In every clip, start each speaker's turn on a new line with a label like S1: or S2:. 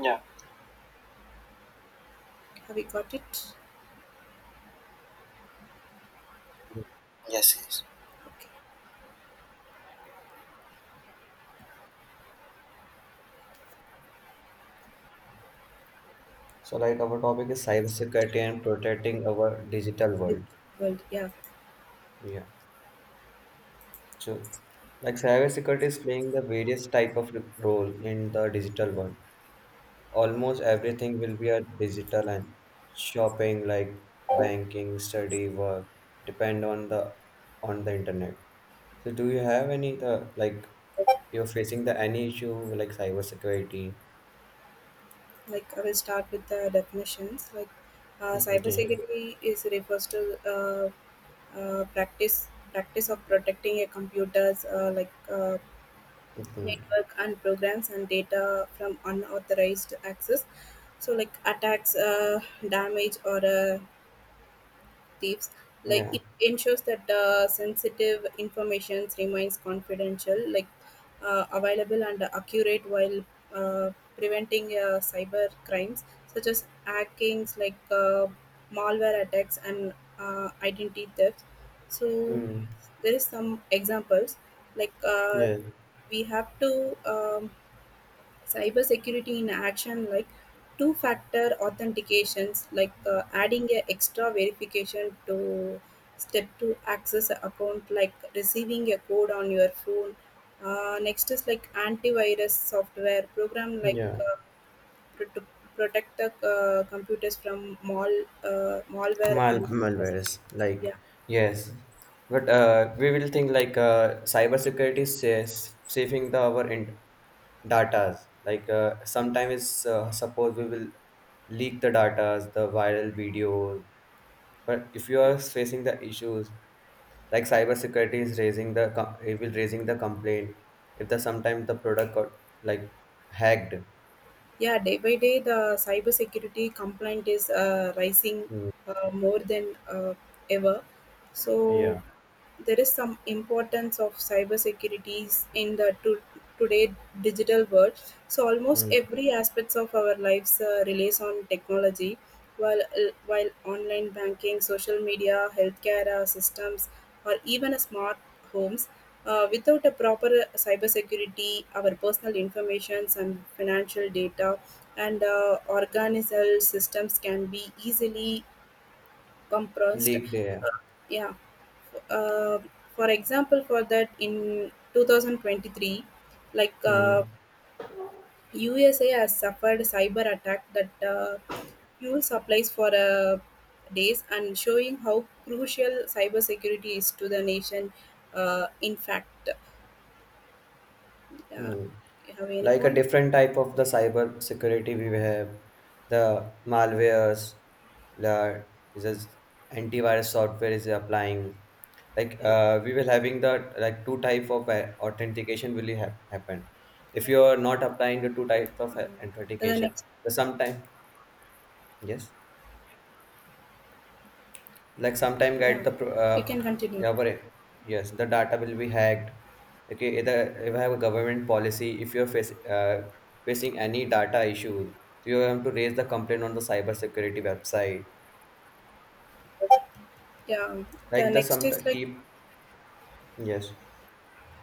S1: Yeah. Have you got it? Yes. Yes. Okay.
S2: So, like, our topic is cybersecurity and protecting our digital
S1: Bit-
S2: world.
S1: Well, yeah.
S2: Yeah. So, like cybersecurity is playing the various type of role in the digital world. Almost everything will be a digital and shopping, like banking, study, work, depend on the internet. So, do you have any the like you're facing the any issue like cybersecurity?
S1: Like I will start with the definitions. Like
S2: Okay. Okay.
S1: cybersecurity is refers to uh, uh, practice practice of protecting a computer's, like,
S2: Mm-hmm.
S1: network and programs and data from unauthorized access. So like attacks, damage, or thieves, like
S2: Yeah.
S1: it ensures that sensitive information remains confidential, like available and accurate, while uh, preventing cyber crimes such as hackings, like malware attacks and identity theft. So
S2: Mm.
S1: there is some examples, like
S2: Yeah.
S1: we have to, um, cybersecurity in action, like two-factor authentications, like adding a extra verification to step to access a account, like receiving a code on your phone. Next is like antivirus software program, like
S2: Yeah.
S1: to protect the, computers from malware,
S2: Mal
S1: and
S2: malwares,
S1: yeah.
S2: like yes, but we will think like cybersecurity says saving the our in- datas. Like sometimes suppose we will leak the datas the viral videos. But if you are facing the issues, like cybersecurity is raising the com- it will raising the complaint if the sometimes the product got like hacked.
S1: Yeah, day by day, the cybersecurity complaint is rising
S2: Mm.
S1: more than ever. So
S2: Yeah.
S1: there is some importance of cybersecurity in the today digital world. So almost
S2: Mm.
S1: every aspects of our lives relies on technology. While online banking, social media, healthcare systems, or even a smart homes, without a proper cybersecurity, our personal information and financial data and organizational systems can be easily compressed.
S2: Leaked. Yeah.
S1: Yeah. Uh, for example, for that, in 2023, like
S2: Mm.
S1: USA has suffered cyber attack that fuel supplies for days, and showing how crucial cybersecurity is to the nation. In fact, uh,
S2: Hmm.
S1: you have any
S2: Like a
S1: point?
S2: different type of the cyber security we have, the malwares, the is as antivirus software is applying. Like
S1: Yeah.
S2: we will having the like two type of authentication will ha- happen. If
S1: Yeah.
S2: you are not applying the two types of
S1: Um, the
S2: authentication,
S1: next,
S2: the sometime yes. Like sometime
S1: yeah,
S2: get the pro-
S1: you can continue.
S2: yeah but it- yes the data will be hacked. Okay, either if I have a government policy, if you're face, facing any data issues, so you have to raise the complaint on the cyber security website
S1: Yeah. The
S2: like the
S1: next
S2: some
S1: is like,
S2: keep yes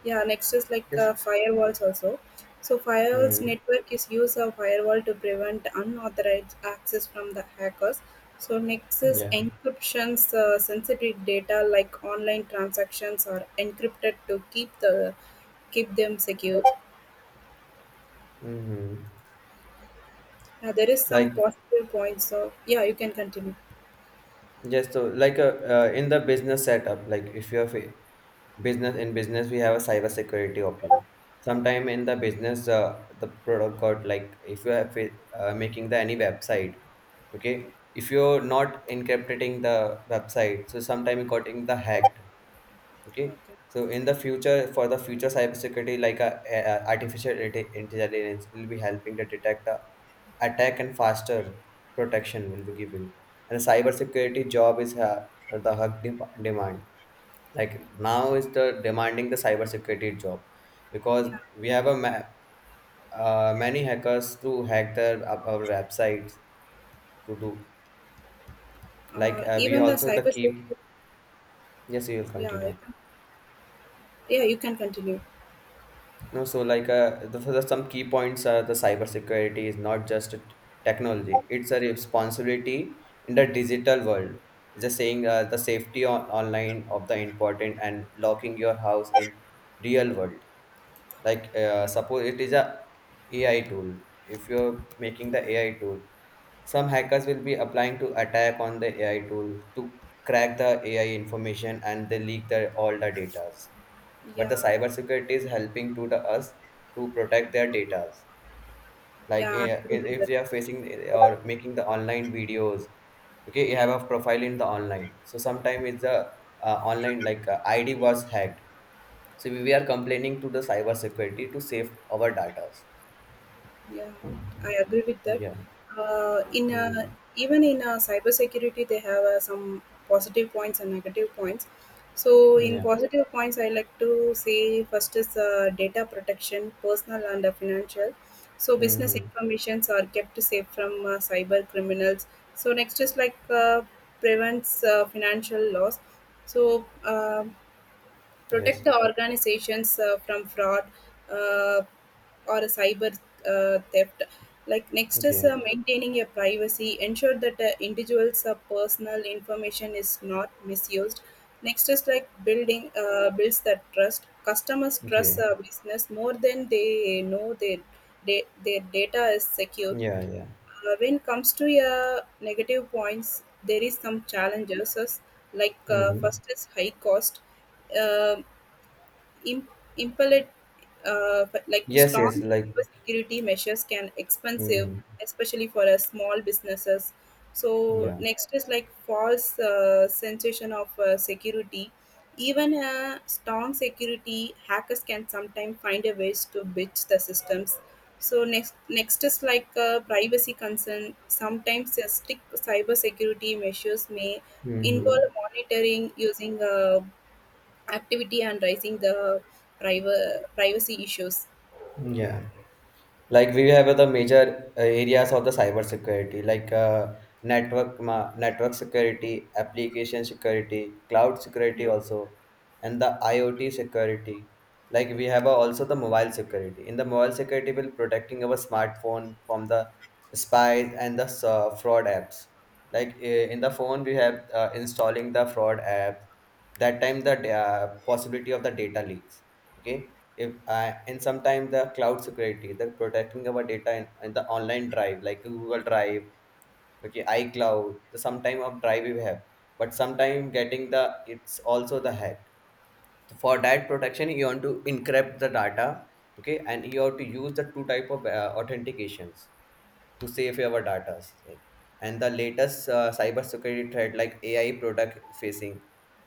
S1: yeah, next is like
S2: yes
S1: firewalls also. So firewalls
S2: hmm
S1: network is use of firewall to prevent unauthorized access from the hackers. So next is
S2: yeah
S1: encryptions. Sensitive data like online transactions are encrypted to keep them secure.
S2: mm-hmm.
S1: Now there is
S2: Like
S1: some positive points. So yeah, you can continue.
S2: yes, so like in the business setup, like if you have a business in business, we have a cyber security option. Sometime in the business, the product got like if you have a- making the any website, okay, if you're not encrypting the website, so sometime it got in the hacked okay.
S1: Okay.
S2: So in the future, for the future cybersecurity like artificial inte- intelligence will be helping to detect a attack and faster protection will be given, and the cybersecurity job is the hug de- demand, like now is the demanding the cybersecurity job because
S1: Yeah.
S2: we have a ma- many hackers to hack their our websites to do like we
S1: Even the
S2: also the keep
S1: cybersecurity.
S2: yes you will
S1: Yeah.
S2: continue.
S1: Yeah, you can continue.
S2: No, so like some key points are the cybersecurity is not just a t- technology; it's a responsibility in the digital world. It's just saying the safety on online of the important and locking your house in real world, like suppose it is a AI tool, if you're making the AI tool some hackers will be applying to attack on the AI tool to crack the AI information and they leak the all the datas, but the
S1: Yeah,
S2: cybersecurity is helping to the us to protect their data. Like
S1: yeah, I
S2: eh,
S1: agree
S2: if
S1: with
S2: if
S1: that.
S2: they are facing eh, or making the online videos, okay, you have a profile in the online. So sometimes it's the online like ID was hacked. So we are complaining to the cyber security to save our data.
S1: Yeah, I agree with that.
S2: Yeah.
S1: In
S2: Hmm.
S1: Even in cybersecurity, they have some positive points and negative points. So in
S2: Yeah.
S1: positive points, I like to say, first is data protection, personal and financial. So business
S2: Mm-hmm.
S1: informations are kept safe from cyber criminals. So next is like prevents financial loss. So, protect
S2: Yes.
S1: the organizations from fraud, uh, or a cyber, theft. Like, next is
S2: Okay.
S1: maintaining your privacy, ensure that individuals personal information is not misused. Next is like building, builds that trust. Customers trust
S2: Okay.
S1: business more than they know their data is secure.
S2: Yeah. Yeah.
S1: When it comes to your negative points, there is some challenges like,
S2: Hmm.
S1: first is high cost, uh, Im- impelled, like
S2: Yes. Yes.
S1: strong
S2: Like.
S1: security measures can expensive,
S2: Hmm.
S1: especially for a small businesses. So
S2: Yeah.
S1: next is like false, sensation of security. Even a strong security, hackers can sometimes find a ways to bitch the systems. So next is like privacy concern. Sometimes strict cyber security measures may
S2: Mm-hmm.
S1: involve monitoring, using activity and raising the privacy issues.
S2: Yeah. Like we have the major areas of the cyber security like network security, application security, cloud security
S1: Yeah.
S2: also, and the IoT security. Like we have also the mobile security. In the mobile security we will protecting our smartphone from the spies and the fraud apps. Like in the phone we have installing the fraud app, that time the da- possibility of the data leaks okay if and sometimes the cloud security the protecting our data in the online drive like Google Drive, okay, iCloud, the sometime of drive we have, but sometime getting the it's also the hack. For that protection you want to encrypt the data, okay, and you have to use the two type of authentications to save your data, like, and the latest cyber security threat like AI product facing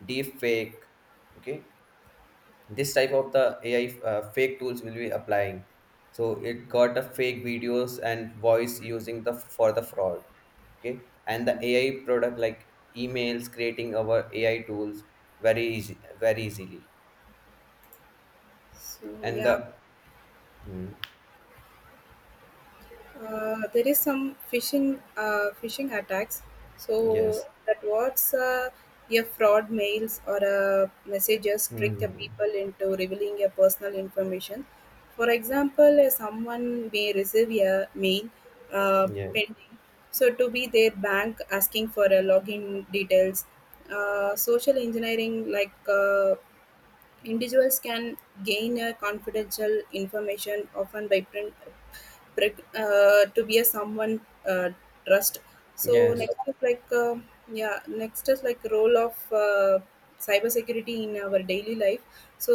S2: deep fake okay. This type of the AI fake tools will be applying, so it got the fake videos and voice using the for the fraud okay, and the AI product like emails creating our AI tools very easy very easily.
S1: So
S2: And
S1: yeah,
S2: the mm,
S1: there is some phishing attacks. So
S2: yes
S1: that what's your fraud mails or messages trick the
S2: mm,
S1: people into revealing your personal information. For example, someone may receive a mail, uh,
S2: yes
S1: pending, so to be their bank asking for a login details. Social engineering, like individuals can gain a confidential information, often by print, to be a someone, uh, trust. So
S2: yes
S1: next is like yeah, next is like role of cybersecurity in our daily life. So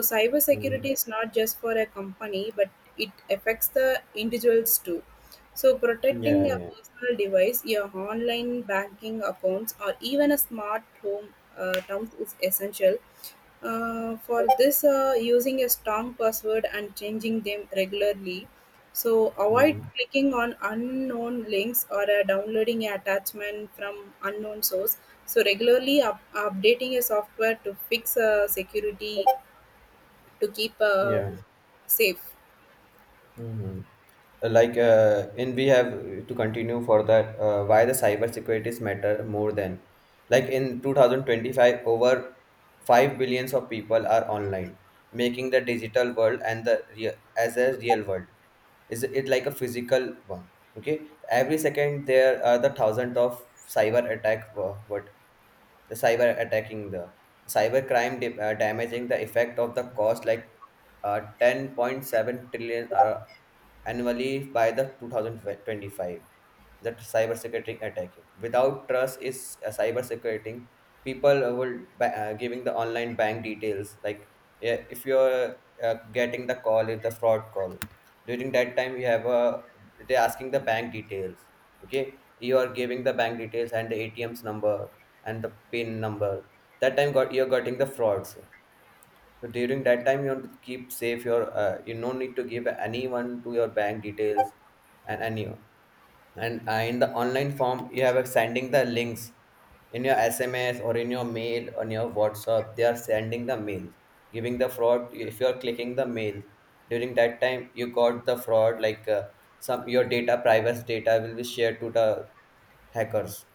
S2: mm,
S1: cybersecurity is not just for a company, but it affects the individuals too. So protecting
S2: yeah
S1: your
S2: yeah
S1: personal device, your online banking accounts, or even a smart home, terms is essential, for this, using a strong password and changing them regularly. So avoid
S2: mm,
S1: clicking on unknown links or downloading an attachment from unknown source. So regularly updating a software to fix security, to keep
S2: yeah
S1: safe.
S2: hmm. Like, and we have to continue for that. Why the cyber securities matter more than, like in 2025, over 5 billion of people are online, making the digital world and the real as a real world. Is it like a physical one? Okay, every second there are the thousand of cyber attack. Wha- What the cyber attacking the cyber crime da- damaging the effect of the cost like uh, 10.7 trillion annually by the 2025, that cyber security attacking without trust is cyber security people will ba- giving the online bank details. Like yeah, if you're getting the call is the fraud call, during that time you have a, they're asking the bank details okay, you are giving the bank details and the ATM's number and the PIN number, that time got you're getting the frauds. So during that time, you want to keep safe your. You no need to give anyone to your bank details, and anyone. And in the online form, you have a sending the links in your SMS or in your mail on your WhatsApp. They are sending the mails, giving the fraud. If you are clicking the mail during that time, you got the fraud. Like some your data, private data, will be shared to the hackers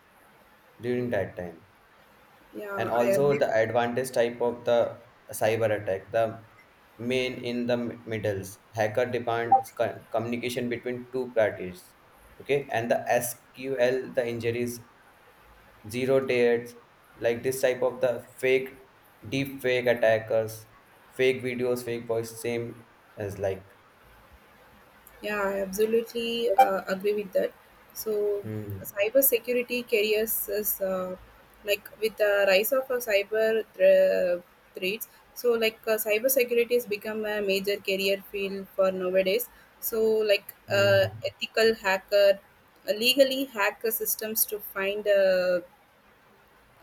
S2: during
S1: Mm.
S2: that time.
S1: Yeah,
S2: And
S1: I
S2: also
S1: agree.
S2: the advantage type of the cyber attack, the main in the m- middles hacker demands co- communication between two parties okay, and the SQL the injuries, zero dates, like this type of the fake, deep fake attackers, fake videos fake voice same as like
S1: Yeah, I absolutely agree with that. So
S2: hmm
S1: cybersecurity careers is like with the rise of cyber threats. So like cybersecurity has become a major career field for nowadays. So like
S2: hmm hmm.
S1: ethical hacker, legally hack the systems to find uh,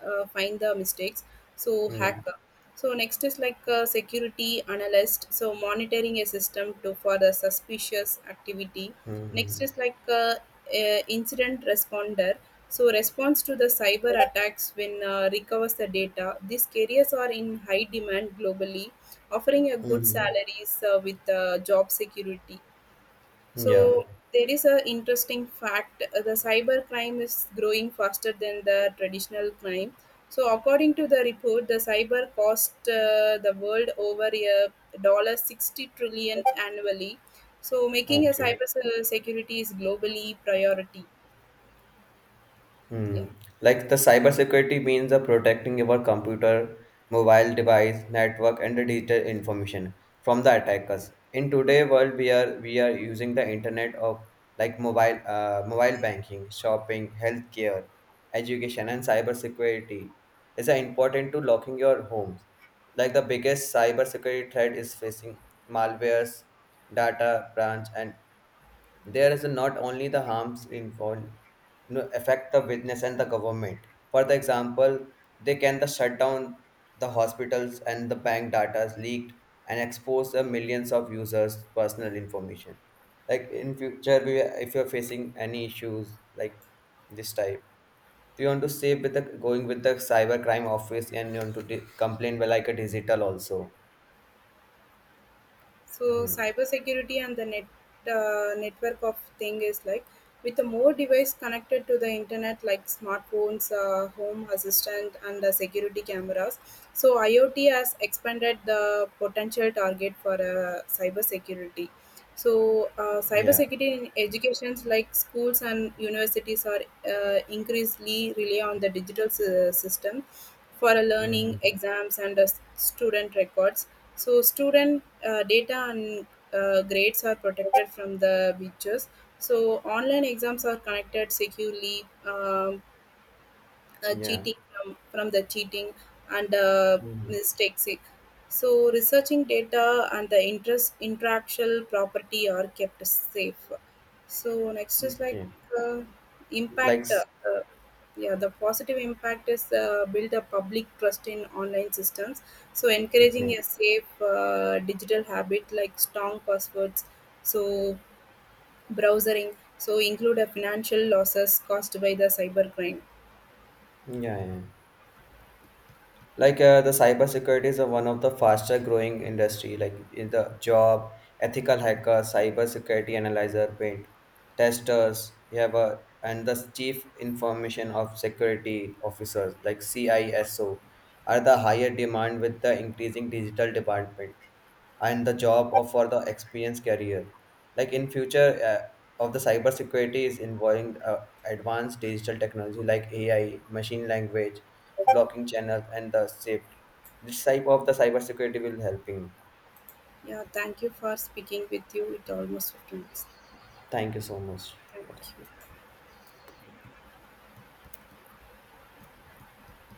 S1: uh, find the mistakes, so
S2: Yeah
S1: hacker. So next is like a security analyst, so monitoring a system to for the suspicious activity. Next
S2: hmm
S1: is like a incident responder, so response to the cyber attacks when recovers the data. These careers are in high demand globally, offering a
S2: hmm
S1: good
S2: hmm,
S1: salaries with job security.
S2: hmm. Yeah
S1: So there is a interesting fact: the cyber crime is growing faster than the traditional crime. So according to the report, the cyber cost the world over a dollar 60 trillion annually. So making a
S2: okay.
S1: cyber security is globally priority. Yeah.
S2: Hmm. Like the cybersecurity means the protecting your computer, mobile device, network, and the digital information from the attackers. In today world, we are using the internet of like mobile mobile banking, shopping, healthcare, education, and cybersecurity is important to locking your homes. Like the biggest cybersecurity threat is facing malwares, data branch, and there is not only the harms involved, you know, affect the witness and the government. For the example, they can the shut down the hospitals and the bank data is leaked and expose the millions of users' personal information. Like in future, we, if you're facing any issues like this type, do you want to save with the going with the cyber crime office and you want to di- complain with like a digital also?
S1: So
S2: Hmm.
S1: cybersecurity and the network of thing is like with the more device connected to the internet like smartphones, home assistant and the security cameras. So IoT has expanded the potential target for cybersecurity. So
S2: Yeah.
S1: cybersecurity in educations, like schools and universities, are increasingly rely on the digital system for learning,
S2: Hmm.
S1: exams and student records. So student data and grades are protected from the breaches. So online exams are connected securely.
S2: Yeah.
S1: Cheating from the cheating and
S2: Hmm.
S1: mistakes. So researching data and the interest intellectual property are kept safe. So next is like
S2: Okay.
S1: uh,
S2: Like
S1: impact.
S2: s-
S1: Yeah, the positive impact is build a public trust in online systems. So encouraging
S2: okay.
S1: a safe digital habit like strong passwords. So browsing. So include a financial losses caused by the cybercrime.
S2: Yeah, yeah. Like the cybersecurity is one of the faster growing industry like in the job, ethical hacker, cybersecurity analyzer, paint testers, you have a, and the chief information of security officers like CISO, are the higher demand with the increasing digital department and the job of for the experience career. Like in future of the cyber security is involving advanced digital technology like AI, machine language, blocking channels, and the shift, this type of the cyber security will helping.
S1: Yeah, thank you for speaking with you. It almost finished.
S2: Thank you so much.
S1: Thank
S2: Okay.
S1: you.